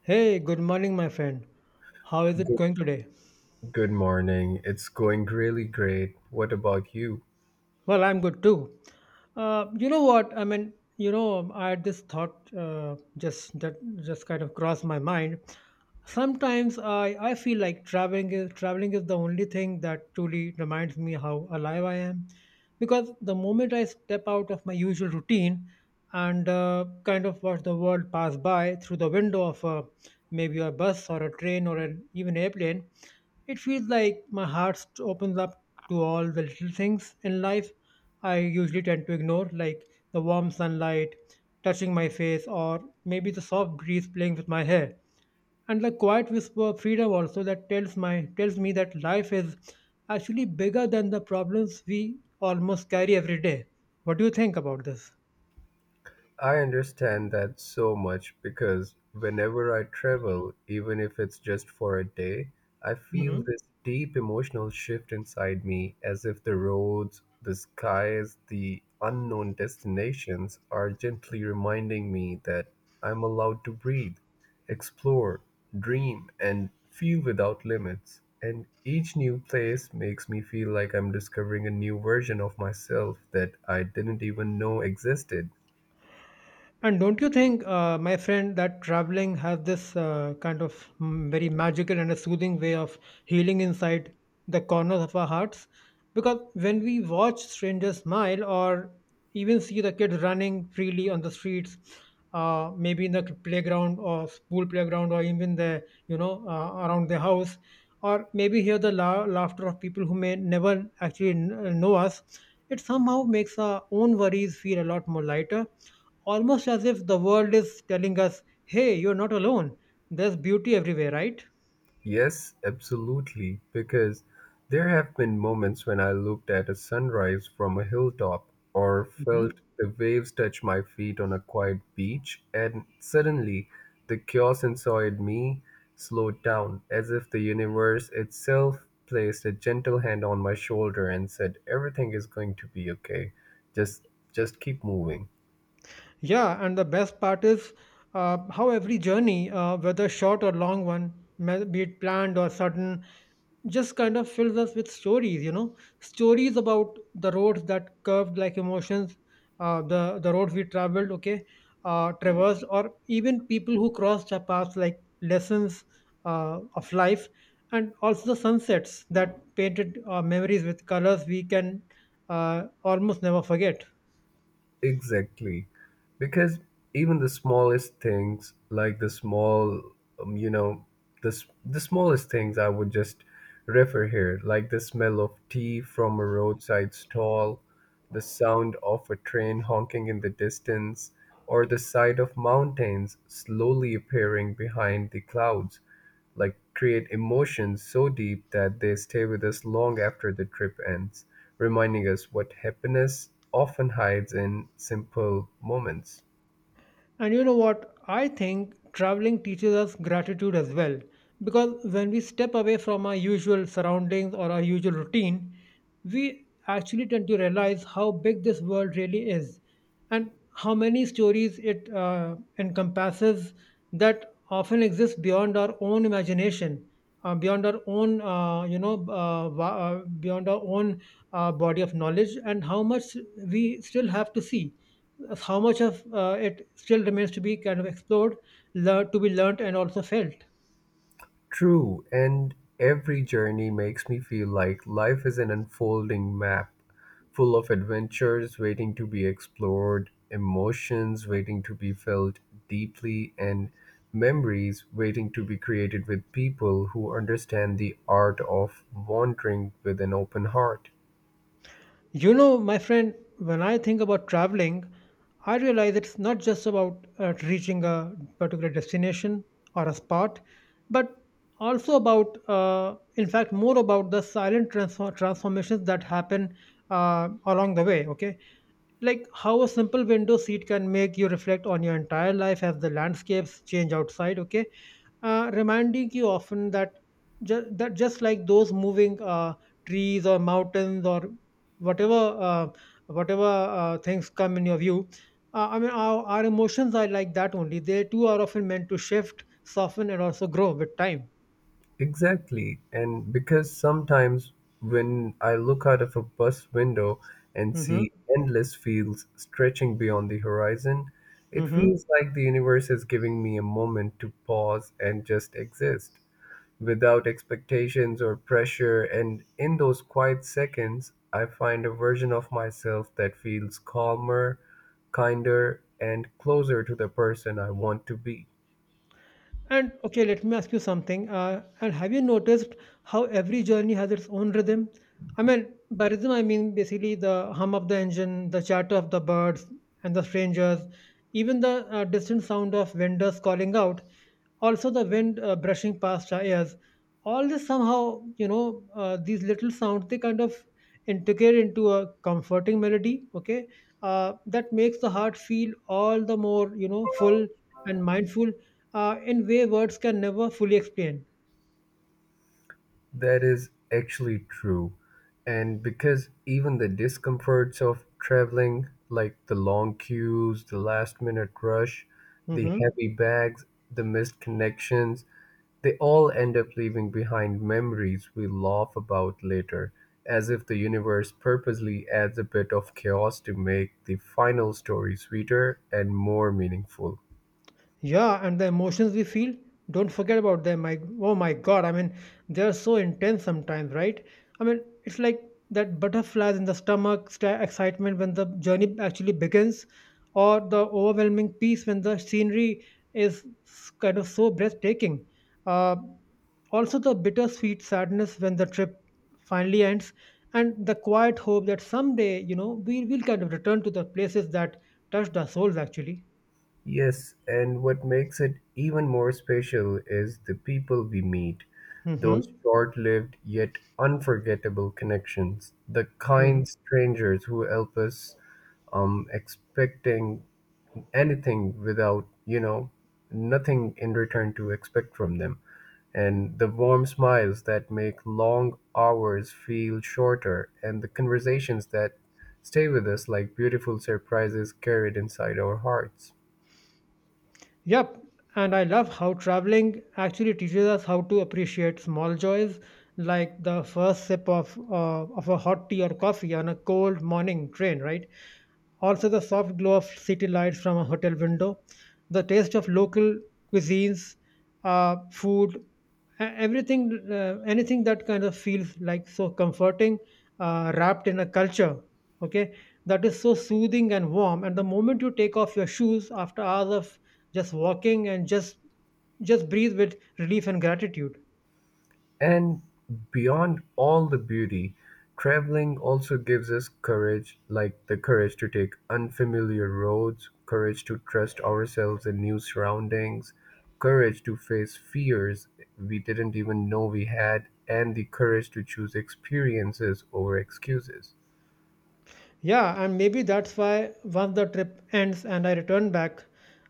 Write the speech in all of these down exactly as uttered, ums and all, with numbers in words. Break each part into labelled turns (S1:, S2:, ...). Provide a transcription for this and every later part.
S1: Hey, good morning, my friend. How is it going today?
S2: Good morning. It's going really great. What about you?
S1: Well, I'm good too. Uh, you know what? I mean, you know, I had this thought uh, just that just kind of crossed my mind. Sometimes I, I feel like traveling is traveling is the only thing that truly reminds me how alive I am. Because the moment I step out of my usual routine and uh, kind of watch the world pass by through the window of uh, maybe a bus or a train or an even airplane, it feels like my heart st- opens up to all the little things in life I usually tend to ignore, like the warm sunlight touching my face or maybe the soft breeze playing with my hair, and the quiet whisper of freedom also that tells my tells me that life is actually bigger than the problems we almost carry every day. What do you think about this?
S2: I understand that so much because whenever I travel, even if it's just for a day, I feel
S1: Mhm.
S2: this deep emotional shift inside me as if the roads, the skies, the unknown destinations are gently reminding me that I'm allowed to breathe, explore, dream, and feel without limits. And each new place makes me feel like I'm discovering a new version of myself that I didn't even know existed.
S1: And don't you think, uh, my friend, that traveling has this uh, kind of mm, very magical and a soothing way of healing inside the corners of our hearts? Because when we watch strangers smile or even see the kids running freely on the streets, uh, maybe in the playground or school playground or even the, you know, uh, around the house, or maybe hear the la- laughter of people who may never actually kn- know us, it somehow makes our own worries feel a lot more lighter. Almost as if the world is telling us, hey, you're not alone. There's beauty everywhere, right?
S2: Yes, absolutely, because there have been moments when I looked at a sunrise from a hilltop or felt the waves touch my feet on a quiet beach, and suddenly the chaos inside me slowed down, as if the universe itself placed a gentle hand on my shoulder and said, "Everything is going to be okay. Just just keep moving."
S1: Yeah, and the best part is uh, how every journey, uh, whether short or long one, me- be it planned or sudden, just kind of fills us with stories, you know, stories about the roads that curved like emotions, uh, the the roads we traveled, okay, uh, traversed, or even people who crossed our paths like lessons uh, of life, and also the sunsets that painted uh, memories with colors we can uh, almost never forget.
S2: Exactly. Because even the smallest things, like the small, um, you know, the, s- the smallest things I would just refer here, like the smell of tea from a roadside stall, the sound of a train honking in the distance, or the sight of mountains slowly appearing behind the clouds like create emotions so deep that they stay with us long after the trip ends, reminding us what happiness often hides in simple moments.
S1: And you know what? I think traveling teaches us gratitude as well. Because when we step away from our usual surroundings or our usual routine, we actually tend to realize how big this world really is and how many stories it uh, encompasses that often exist beyond our own imagination, uh, beyond our own, uh, you know, uh, wa- uh, beyond our own uh, body of knowledge, and how much we still have to see, how much of uh, it still remains to be kind of explored, learned, to be learned, and also felt.
S2: True, and every journey makes me feel like life is an unfolding map full of adventures waiting to be explored, emotions waiting to be felt deeply, and memories waiting to be created with people who understand the art of wandering with an open heart.
S1: You know, my friend, when I think about traveling, I realize it's not just about uh, reaching a particular destination or a spot, but also about, uh, in fact, more about the silent transfor- transformations that happen uh, along the way. Okay, like how a simple window seat can make you reflect on your entire life as the landscapes change outside. Okay, uh, reminding you often that ju- that just like those moving uh, trees or mountains or whatever uh, whatever uh, things come in your view, uh, I mean our, our emotions are like that only. They too are often meant to shift, soften, and also grow with time.
S2: Exactly. And because sometimes when I look out of a bus window and
S1: hmm
S2: see endless fields stretching beyond the horizon, it
S1: hmm
S2: feels like the universe is giving me a moment to pause and just exist without expectations or pressure. And in those quiet seconds, I find a version of myself that feels calmer, kinder, and closer to the person I want to be.
S1: And okay, let me ask you something. Uh, and have you noticed how every journey has its own rhythm? I mean, by rhythm, I mean basically the hum of the engine, the chatter of the birds and the strangers, even the uh, distant sound of vendors calling out, also the wind uh, brushing past our ears. All this somehow, you know, uh, these little sounds, they kind of integrate into a comforting melody, okay, uh, that makes the heart feel all the more, you know, full and mindful uh, in way words can never fully explain.
S2: That is actually true. And because even the discomforts of traveling, like the long queues, the last minute rush, the
S1: hmm
S2: heavy bags, the missed connections, they all end up leaving behind memories we laugh about later, as if the universe purposely adds a bit of chaos to make the final story sweeter and more meaningful.
S1: Yeah, and the emotions we feel, don't forget about them. I, oh my God, I mean, they're so intense sometimes, right? I mean, it's like that butterflies in the stomach, sta excitement when the journey actually begins, or the overwhelming peace when the scenery is s- kind of so breathtaking. Uh, also, the bittersweet sadness when the trip finally ends, and the quiet hope that someday, you know, we will kind of return to the places that touched our souls actually.
S2: Yes, and what makes it even more special is the people we meet, those
S1: Mm-hmm.
S2: short lived yet unforgettable connections, the
S1: Mm-hmm.
S2: kind strangers who help us um, expecting anything without, you know, nothing in return to expect from them, and the warm smiles that make long hours feel shorter, and the conversations that stay with us like beautiful surprises carried inside our hearts.
S1: Yep, and I love how traveling actually teaches us how to appreciate small joys, like the first sip of uh, of a hot tea or coffee on a cold morning train, right? Also, the soft glow of city lights from a hotel window, the taste of local cuisines, uh, food, e- everything, uh, anything that kind of feels like so comforting, uh, wrapped in a culture, okay, that is so soothing and warm, and the moment you take off your shoes after hours of just walking and just just breathe with relief and gratitude.
S2: And beyond all the beauty, traveling also gives us courage, like the courage to take unfamiliar roads, courage to trust ourselves in new surroundings, courage to face fears we didn't even know we had, and the courage to choose experiences over excuses.
S1: Yeah, and maybe that's why once the trip ends and I return back,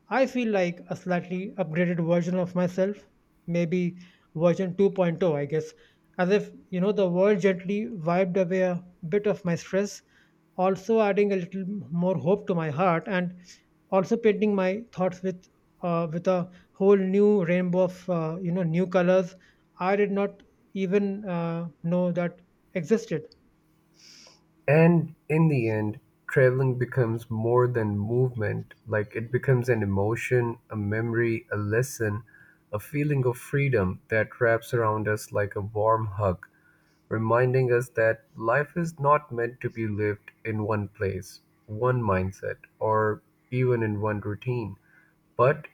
S1: I feel like a slightly upgraded version of myself, maybe version 2.0, I guess, as if, you know, the world gently wiped away a bit of my stress, also adding a little more hope to my heart, and also painting my thoughts with uh, with a whole new rainbow of, uh, you know, new colors I did not even uh, know that existed.
S2: And in the end, traveling becomes more than movement, like it becomes an emotion, a memory, a lesson, a feeling of freedom that wraps around us like a warm hug, reminding us that life is not meant to be lived in one place, one mindset, or even in one routine, but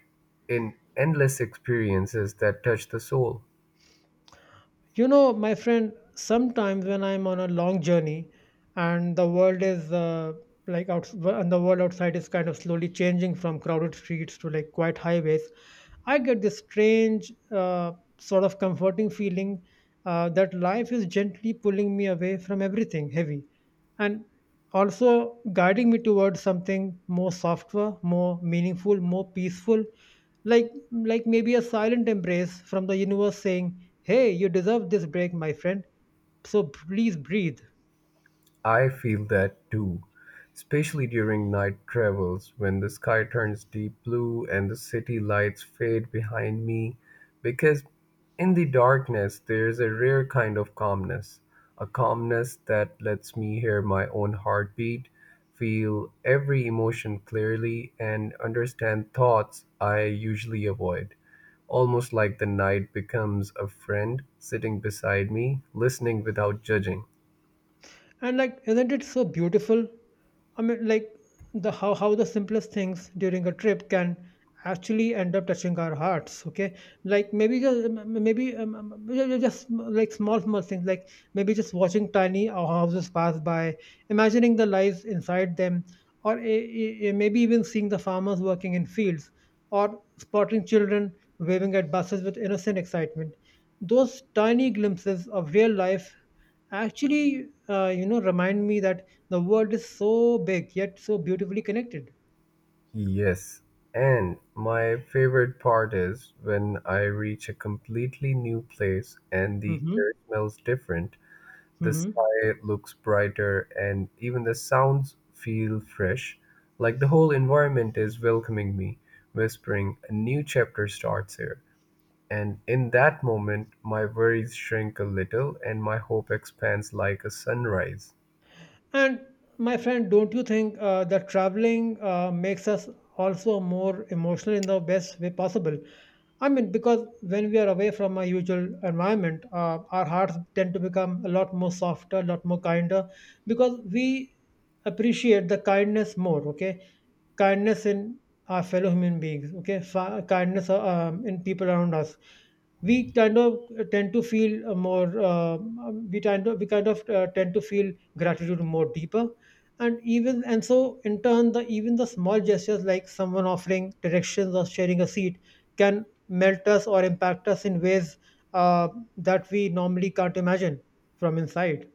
S2: in endless experiences that touch the soul.
S1: You know, my friend, sometimes when I'm on a long journey and the world is uh, like out and the world outside is kind of slowly changing from crowded streets to like quiet highways, I get this strange uh, sort of comforting feeling uh, that life is gently pulling me away from everything heavy and also guiding me towards something more softer, more meaningful, more peaceful, like like maybe a silent embrace from the universe saying, hey, you deserve this break, my friend, so please breathe.
S2: I feel that too, especially during night travels when the sky turns deep blue and the city lights fade behind me. Because in the darkness, there's a rare kind of calmness, a calmness that lets me hear my own heartbeat, feel every emotion clearly, and understand thoughts I usually avoid. Almost like the night becomes a friend sitting beside me, listening without judging.
S1: And like, isn't it so beautiful? I mean, like, the how how the simplest things during a trip can actually end up touching our hearts, okay, like maybe just m- m- maybe um, um, ju- ju- just like small small things, like maybe just watching tiny houses pass by, imagining the lives inside them, or a- a- a- maybe even seeing the farmers working in fields, or spotting children waving at buses with innocent excitement. Those tiny glimpses of real life actually, uh, you know, remind me that the world is so big yet so beautifully connected.
S2: Yes, and my favorite part is when I reach a completely new place and the
S1: Mm-hmm.
S2: air smells different, the
S1: Mm-hmm.
S2: sky looks brighter, and even the sounds feel fresh. Like the whole environment is welcoming me, whispering, A new chapter starts here. And in that moment, my worries shrink a little and my hope expands like a sunrise.
S1: And my friend, don't you think uh, that traveling uh, makes us also more emotional in the best way possible? I mean, because when we are away from our usual environment, uh, our hearts tend to become a lot more softer, a lot more kinder, because we appreciate the kindness more, okay? Kindness in our fellow human beings, okay? Fa- kindness uh, um, in people around us, we kind of tend to feel uh, more uh, we tend to we kind of uh, tend to feel gratitude more deeper, and even and so in turn, the even the small gestures like someone offering directions or sharing a seat can melt us or impact us in ways uh, that we normally can't imagine from inside.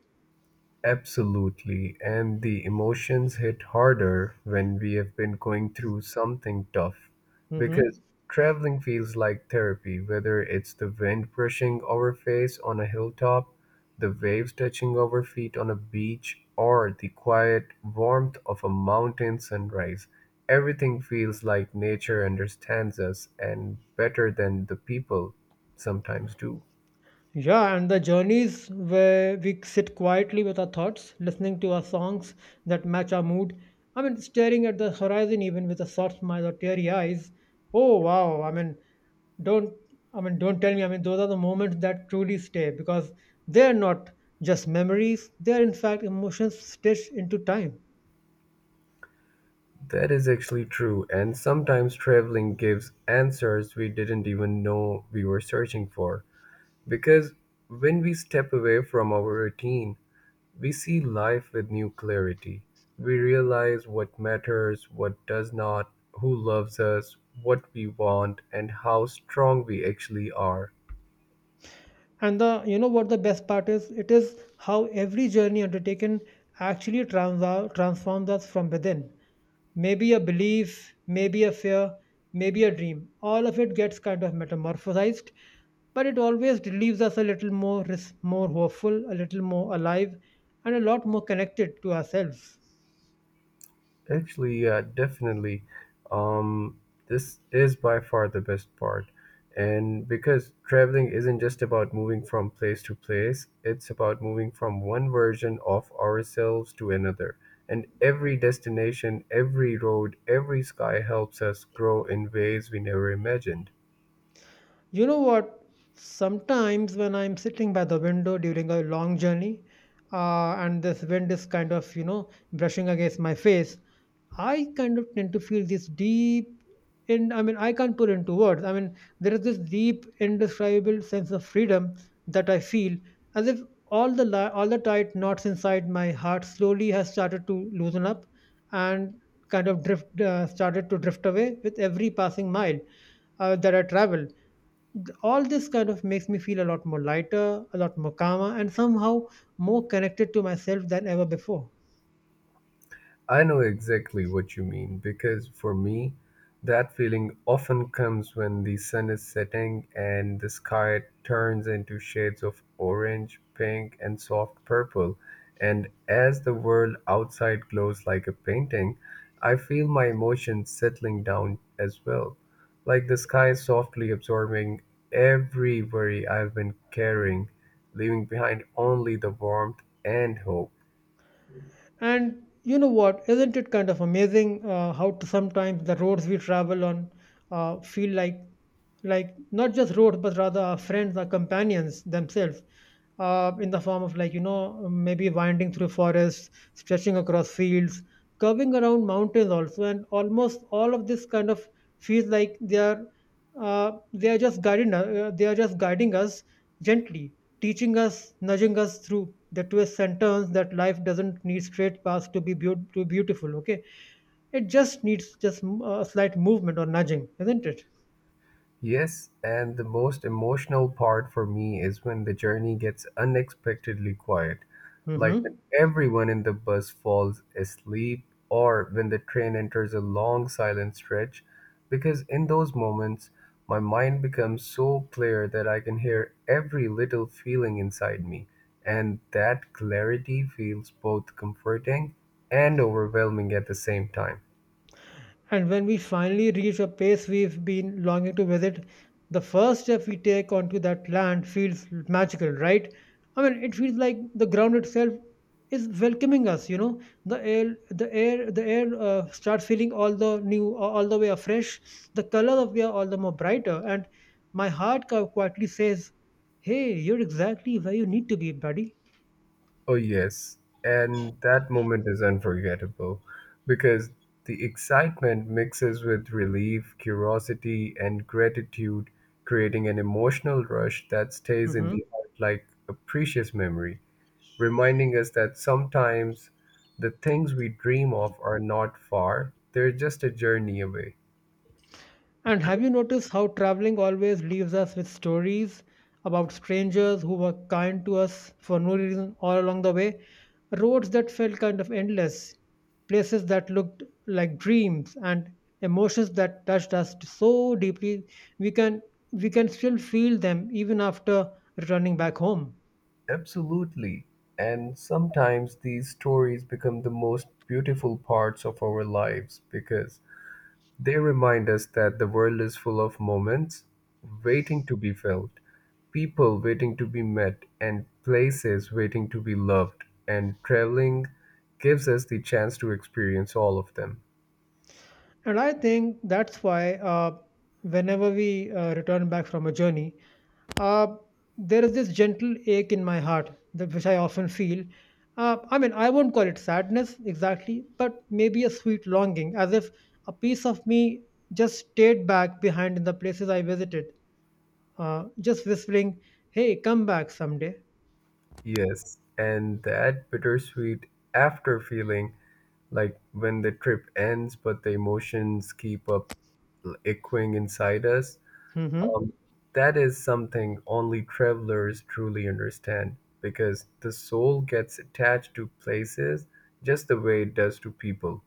S2: Absolutely. And the emotions hit harder when we have been going through something tough because
S1: hmm
S2: traveling feels like therapy, whether it's the wind brushing our face on a hilltop, the waves touching our feet on a beach, or the quiet warmth of a mountain sunrise. Everything feels like nature understands us and better than the people sometimes do.
S1: yeah, and the journeys where we sit quietly with our thoughts, listening to our songs that match our mood, I mean staring at the horizon even with a soft smile or teary eyes, oh wow, I mean, don't i mean don't tell me, I mean, those are the moments that truly stay, because they're not just memories, they're in fact emotions stitched into time.
S2: That is actually true, and sometimes traveling gives answers we didn't even know we were searching for. Because when we step away from our routine, we see life with new clarity. We realize what matters, what does not, who loves us, what we want, and how strong we actually are.
S1: And the, you know what the best part is, it is how every journey undertaken actually trans- transforms us from within, maybe a belief, maybe a fear, maybe a dream, all of it gets kind of metamorphosized, but it always leaves us a little more res- more hopeful, a little more alive, and a lot more connected to ourselves.
S2: Actually, yeah, definitely. Um, this is by far the best part. And because traveling isn't just about moving from place to place, it's about moving from one version of ourselves to another. And every destination, every road, every sky helps us grow in ways we never imagined.
S1: You know what? Sometimes when I'm sitting by the window during a long journey, uh, and this wind is kind of, you know, brushing against my face, I kind of tend to feel this deep, and I mean, I can't put into words. I mean, there is this deep, indescribable sense of freedom that I feel, as if all the li- all the tight knots inside my heart slowly has started to loosen up, and kind of drift uh, started to drift away with every passing mile uh, that I travel. Th- all this kind of makes me feel a lot more lighter, a lot more calmer, and somehow more connected to myself than ever before.
S2: I know exactly what you mean because for me, that feeling often comes when the sun is setting and the sky turns into shades of orange, pink, and soft purple. And as the world outside glows like a painting, I feel my emotions settling down as well, like the sky softly absorbing every worry I've been carrying, leaving behind only the warmth and hope.
S1: And you know what? Isn't it kind of amazing uh, how to sometimes the roads we travel on uh, feel like like not just roads but rather our friends, our companions themselves, uh, in the form of like you know maybe winding through forests, stretching across fields, curving around mountains also, and almost all of this kind of feels like they are uh, they are just guiding uh, they are just guiding us gently, teaching us, nudging us through the twists and turns that life doesn't need straight paths to be beaut- to beautiful. Okay, it just needs just mm, a slight movement or nudging, isn't it?
S2: Yes, and the most emotional part for me is when the journey gets unexpectedly quiet, like
S1: Hmm.
S2: when everyone in the bus falls asleep or when the train enters a long silent stretch, because in those moments, my mind becomes so clear that I can hear every little feeling inside me, and that clarity feels both comforting and overwhelming at the same time.
S1: And when we finally reach a place we've been longing to visit, the first step we take onto that land feels magical, right? I mean, it feels like the ground itself is welcoming us. You know, the air, the air, the air uh, starts feeling all the new, all the way afresh. The colors of air all the more brighter, and my heart qui- quietly says, "Hey, you're exactly where you need to be, buddy."
S2: Oh, yes. And that moment is unforgettable because the excitement mixes with relief, curiosity, and gratitude, creating an emotional rush that stays in
S1: Hmm.
S2: the heart like a precious memory, reminding us that sometimes the things we dream of are not far, they're just a journey away.
S1: And have you noticed how traveling always leaves us with stories about strangers who were kind to us for no reason all along the way? Roads that felt kind of endless, places that looked like dreams, and emotions that touched us so deeply we can we can still feel them even after returning back home.
S2: Absolutely. And sometimes these stories become the most beautiful parts of our lives because They remind us that the world is full of moments waiting to be felt, people waiting to be met, and places waiting to be loved. And traveling gives us the chance to experience all of them.
S1: And I think that's why uh, whenever we uh, return back from a journey, uh, there is this gentle ache in my heart, that, which I often feel. Uh, I mean, I won't call it sadness exactly, but maybe a sweet longing, as if a piece of me just stayed back behind in the places I visited, uh, just whispering, hey, come back someday.
S2: Yes, and that bittersweet after feeling like when the trip ends, but the emotions keep up echoing inside us
S1: Hmm.
S2: Um, that is something only travelers truly understand because the soul gets attached to places just the way it does to people.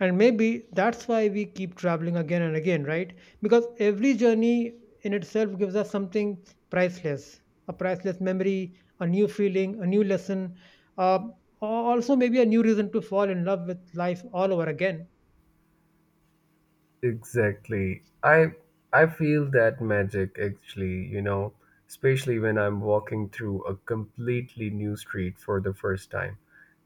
S1: And maybe that's why we keep traveling again and again, right? Because every journey in itself gives us something priceless, a priceless memory, a new feeling, a new lesson, uh, al- also maybe a new reason to fall in love with life all over again.
S2: Exactly. I I feel that magic actually, you know, especially when I'm walking through a completely new street for the first time.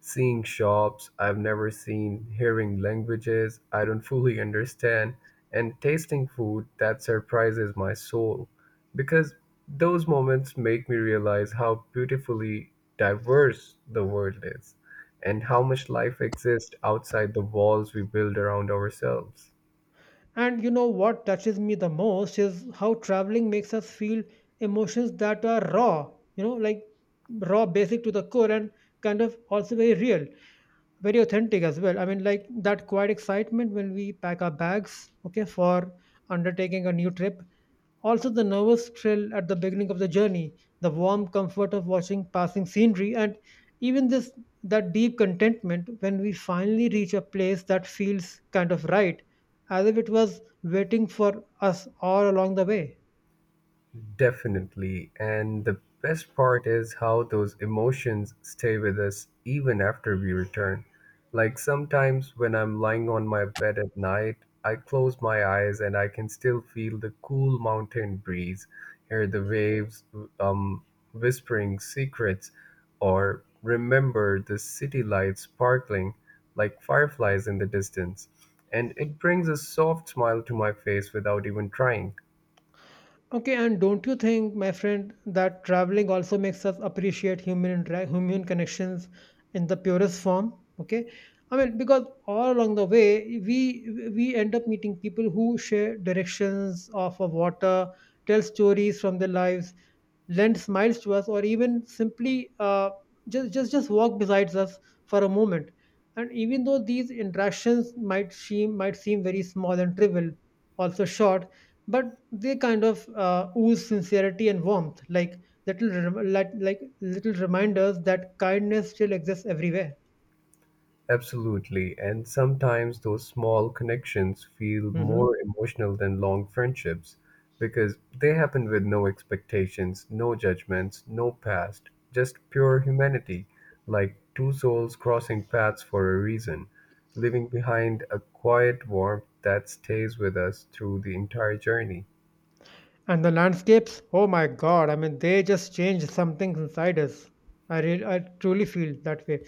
S2: Seeing shops I've never seen, hearing languages I don't fully understand, and tasting food that surprises my soul. Because those moments make me realize how beautifully diverse the world is and how much life exists outside the walls we build around ourselves.
S1: And you know what touches me the most is how traveling makes us feel emotions that are raw, you know, like raw, basic to the core, and kind of also very real, very authentic as well. I mean, like that quiet excitement when we pack our bags, okay, for undertaking a new trip. Also, the nervous thrill at the beginning of the journey, the warm comfort of watching passing scenery, and even this that deep contentment when we finally reach a place that feels kind of right, as if it was waiting for us all along the way.
S2: Definitely. And the best part is how those emotions stay with us even after we return. Like sometimes when I'm lying on my bed at night, I close my eyes and I can still feel the cool mountain breeze, hear the waves um, whispering secrets, or remember the city lights sparkling like fireflies in the distance. And it brings a soft smile to my face without even trying.
S1: Okay, and don't you think, my friend, that traveling also makes us appreciate human intera- human connections in the purest form? Okay, I mean because all along the way we we end up meeting people who share directions of a water, tell stories from their lives, lend smiles to us, or even simply uh, just just just walk besides us for a moment. And even though these interactions might seem might seem very small and trivial, also short, but they kind of uh, ooze sincerity and warmth, like little rem- like, like little reminders that kindness still exists everywhere.
S2: Absolutely, and sometimes those small connections feel
S1: Mhm.
S2: more emotional than long friendships because they happen with no expectations, no judgments, no past, just pure humanity, like two souls crossing paths for a reason, leaving behind a quiet warmth that stays with us through the entire journey.
S1: And the landscapes, oh my god, I mean, they just change something inside us. I really, I truly feel that way.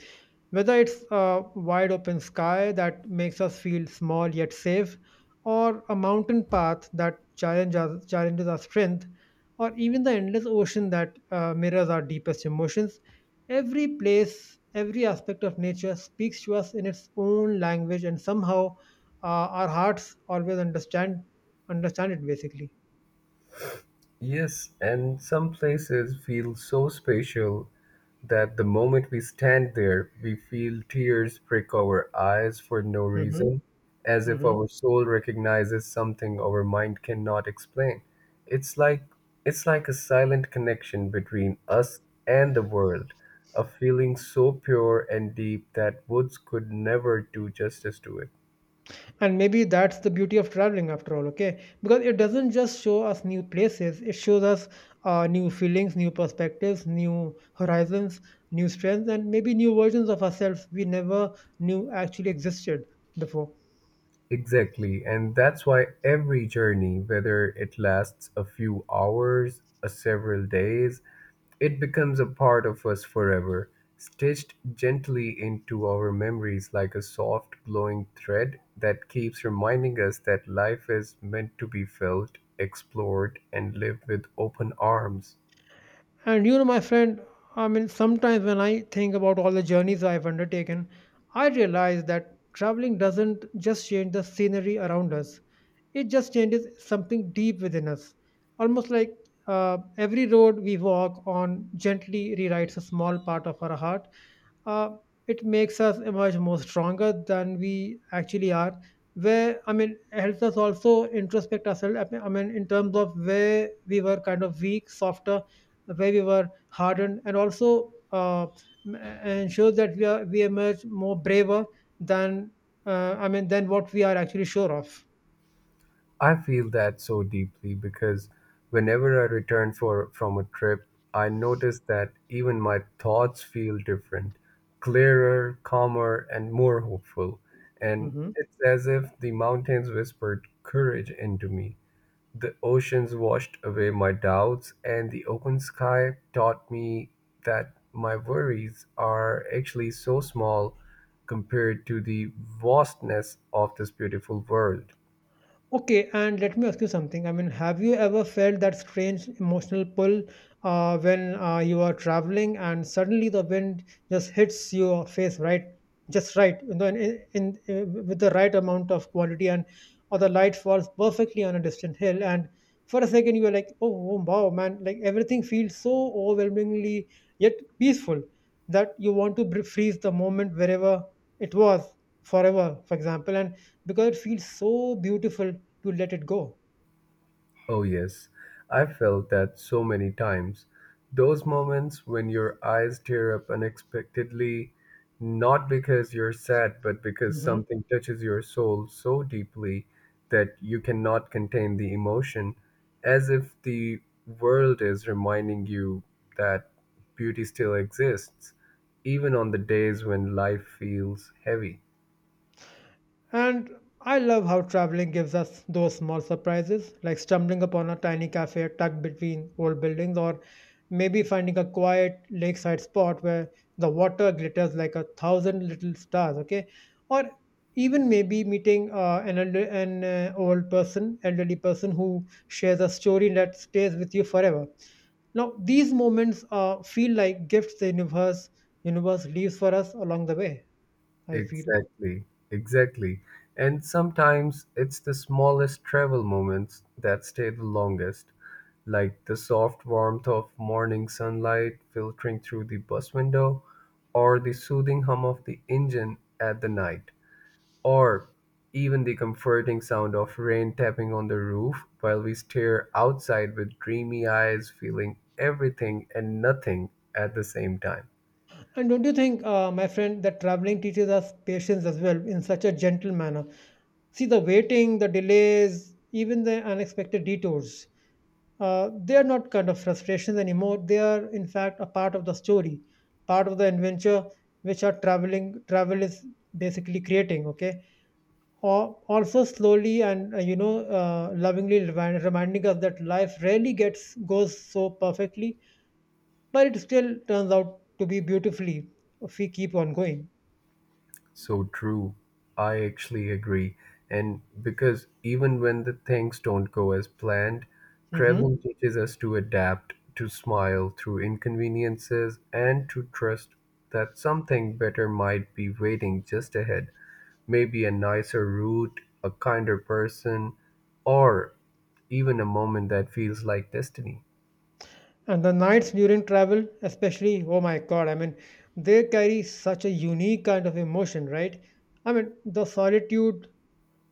S1: Whether it's a wide open sky that makes us feel small yet safe, or a mountain path that challenges us, challenges our strength, or even the endless ocean that uh, mirrors our deepest emotions, every place, every aspect of nature speaks to us in its own language, and somehow uh, our hearts always understand understand it basically.
S2: Yes, and some places feel so spatial that the moment we stand there, we feel tears prick our eyes for no
S1: Mhm.
S2: reason, as if
S1: Mhm.
S2: our soul recognizes something our mind cannot explain. It's like it's like a silent connection between us and the world, a feeling so pure and deep that words could never do justice to it.
S1: And maybe that's the beauty of traveling after all, okay? Because it doesn't just show us new places, it shows us uh, new feelings, new perspectives, new horizons, new strengths, and maybe new versions of ourselves we never knew actually existed before.
S2: Exactly. And that's why every journey, whether it lasts a few hours, a several days, it becomes a part of us forever, stitched gently into our memories like a soft, glowing thread that keeps reminding us that life is meant to be felt, explored, and lived with open arms.
S1: And you know, my friend, I mean, sometimes when I think about all the journeys I've undertaken, I realize that traveling doesn't just change the scenery around us, it just changes something deep within us. Almost like uh, every road we walk on gently rewrites a small part of our heart. uh, it makes us emerge more stronger than we actually are, where i mean it helps us also introspect ourselves, i mean I mean, in terms of where we were kind of weak, softer, where we were hardened, and also uh, m- ensures that we are we emerge more braver than uh, i mean than what we are actually sure of.
S2: I feel that so deeply because whenever I return for from a trip, I notice that even my thoughts feel different, clearer, calmer, and more hopeful. And
S1: Mhm.
S2: it's as if the mountains whispered courage into me. The oceans washed away my doubts, and the open sky taught me that my worries are actually so small compared to the vastness of this beautiful world.
S1: Okay, and let me ask you something. I mean, have you ever felt that strange emotional pull uh, when uh, you are traveling and suddenly the wind just hits your face right, just right, you know, in, in, in uh, with the right amount of quality, and or the light falls perfectly on a distant hill, and for a second you are like, oh, oh wow, man, like everything feels so overwhelmingly yet peaceful that you want to br- freeze the moment wherever it was forever, for example, and because it feels so beautiful to let it go.
S2: Oh, yes, I felt that so many times. Those moments when your eyes tear up unexpectedly, not because you're sad, but because
S1: Mhm.
S2: something touches your soul so deeply that you cannot contain the emotion, as if the world is reminding you that beauty still exists, even on the days when life feels heavy.
S1: And I love how traveling gives us those small surprises, like stumbling upon a tiny cafe tucked between old buildings, or maybe finding a quiet lakeside spot where the water glitters like a thousand little stars, okay? Or even maybe meeting uh, an, elder, an uh, old person, elderly person who shares a story that stays with you forever. Now, these moments uh, feel like gifts the universe, universe leaves for us along the way, I feel.
S2: Exactly, exactly. And sometimes it's the smallest travel moments that stay the longest, like the soft warmth of morning sunlight filtering through the bus window, or the soothing hum of the engine at the night, or even the comforting sound of rain tapping on the roof while we stare outside with dreamy eyes, feeling everything and nothing at the same time.
S1: And don't you think, uh, my friend, that traveling teaches us patience as well in such a gentle manner? See, the waiting, the delays, even the unexpected detours, uh, they are not kind of frustrations anymore. They are, in fact, a part of the story, part of the adventure which our traveling travel is basically creating. Okay, or also slowly and uh, you know uh, lovingly remind, reminding us that life rarely gets goes so perfectly but it still turns out to be beautifully if we keep on going.
S2: So true. I actually agree. And because even when the things don't go as planned, traveling
S1: Hmm.
S2: teaches us to adapt, to smile through inconveniences, and to trust that something better might be waiting just ahead. Maybe a nicer route, a kinder person, or even a moment that feels like destiny.
S1: And the nights during travel, especially, oh my God, I mean, they carry such a unique kind of emotion, right? I mean, the solitude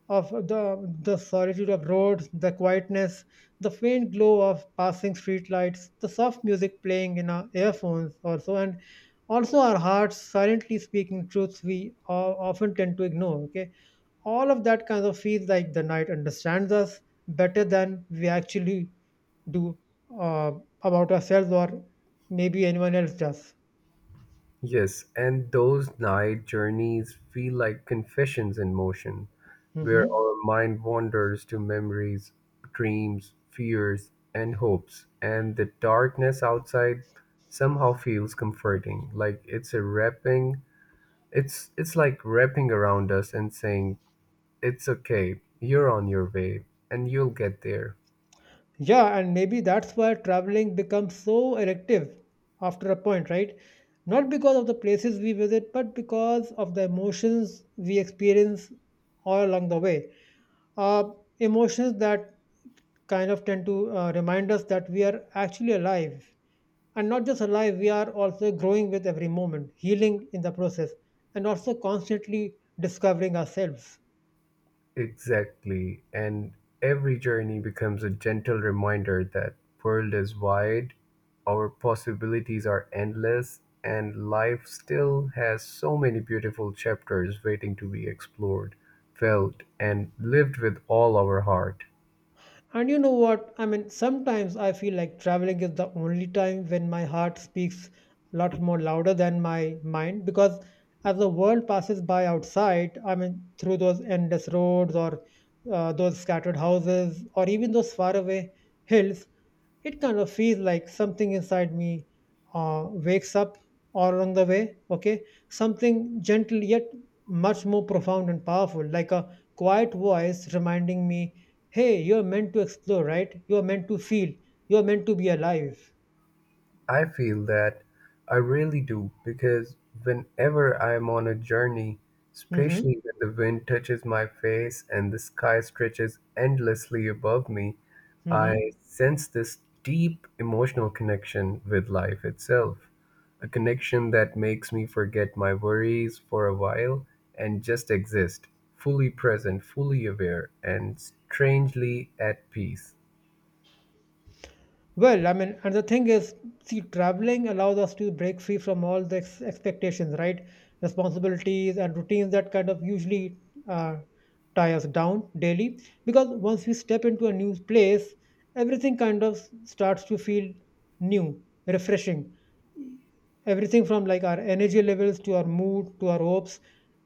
S1: of the the solitude of roads, the quietness, the faint glow of passing streetlights, the soft music playing in our earphones also, and also our hearts silently speaking truths we o- often tend to ignore. Okay, all of that kind of feels like the night understands us better than we actually do. Uh, about ourselves or maybe anyone else does.
S2: Yes, and those night journeys feel like confessions in motion, where
S1: Mhm.
S2: our mind wanders to memories, dreams, fears, and hopes, and the darkness outside somehow feels comforting, like it's a wrapping it's it's like wrapping around us and saying, It's okay, you're on your way, and you'll get there.
S1: Yeah, and maybe that's why traveling becomes so addictive after a point, right? Not because of the places we visit, but because of the emotions we experience all along the way. Uh, Emotions that kind of tend to uh, remind us that we are actually alive. And not just alive, we are also growing with every moment, healing in the process, and also constantly discovering ourselves.
S2: Exactly. And every journey becomes a gentle reminder that world is wide, our possibilities are endless, and life still has so many beautiful chapters waiting to be explored, felt, and lived with all our heart.
S1: And you know what? I mean, sometimes I feel like traveling is the only time when my heart speaks a lot more louder than my mind because as the world passes by outside, I mean, through those endless roads or uh, those scattered houses or even those faraway hills, it kind of feels like something inside me uh, wakes up all along the way, okay? Something gentle yet much more profound and powerful, like a quiet voice reminding me, hey, you're meant to explore, right? You're meant to feel. You're meant to be alive.
S2: I feel that. I really do, because whenever I'm on a journey,
S1: Mhm.
S2: especially when the wind touches my face and the sky stretches endlessly above me, I
S1: Mhm.
S2: sense this deep emotional connection with life itself. A connection that makes me forget my worries for a while and just exist, fully present, fully aware, and strangely at peace.
S1: Well, I mean, and the thing is, see, traveling allows us to break free from all the ex- expectations, right? Responsibilities and routines that kind of usually uh, tie us down daily. Because once we step into a new place, everything kind of starts to feel new, refreshing, everything from like our energy levels to our mood to our hopes,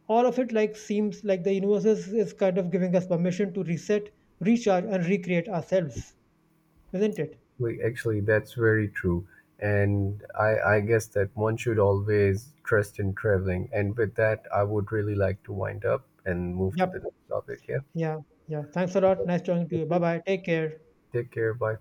S1: all of it like seems like the universe is, is kind of giving us permission to reset, recharge, and recreate ourselves, isn't it?
S2: Well, actually, that's very true. And I, I guess that one should always trust in traveling. And with that, I would really like to wind up and move to
S1: Yep.
S2: the next topic. Yeah.
S1: Yeah. Yeah, thanks a lot,
S2: Yeah.
S1: nice talking to you, bye bye, take care.
S2: Take care. Bye.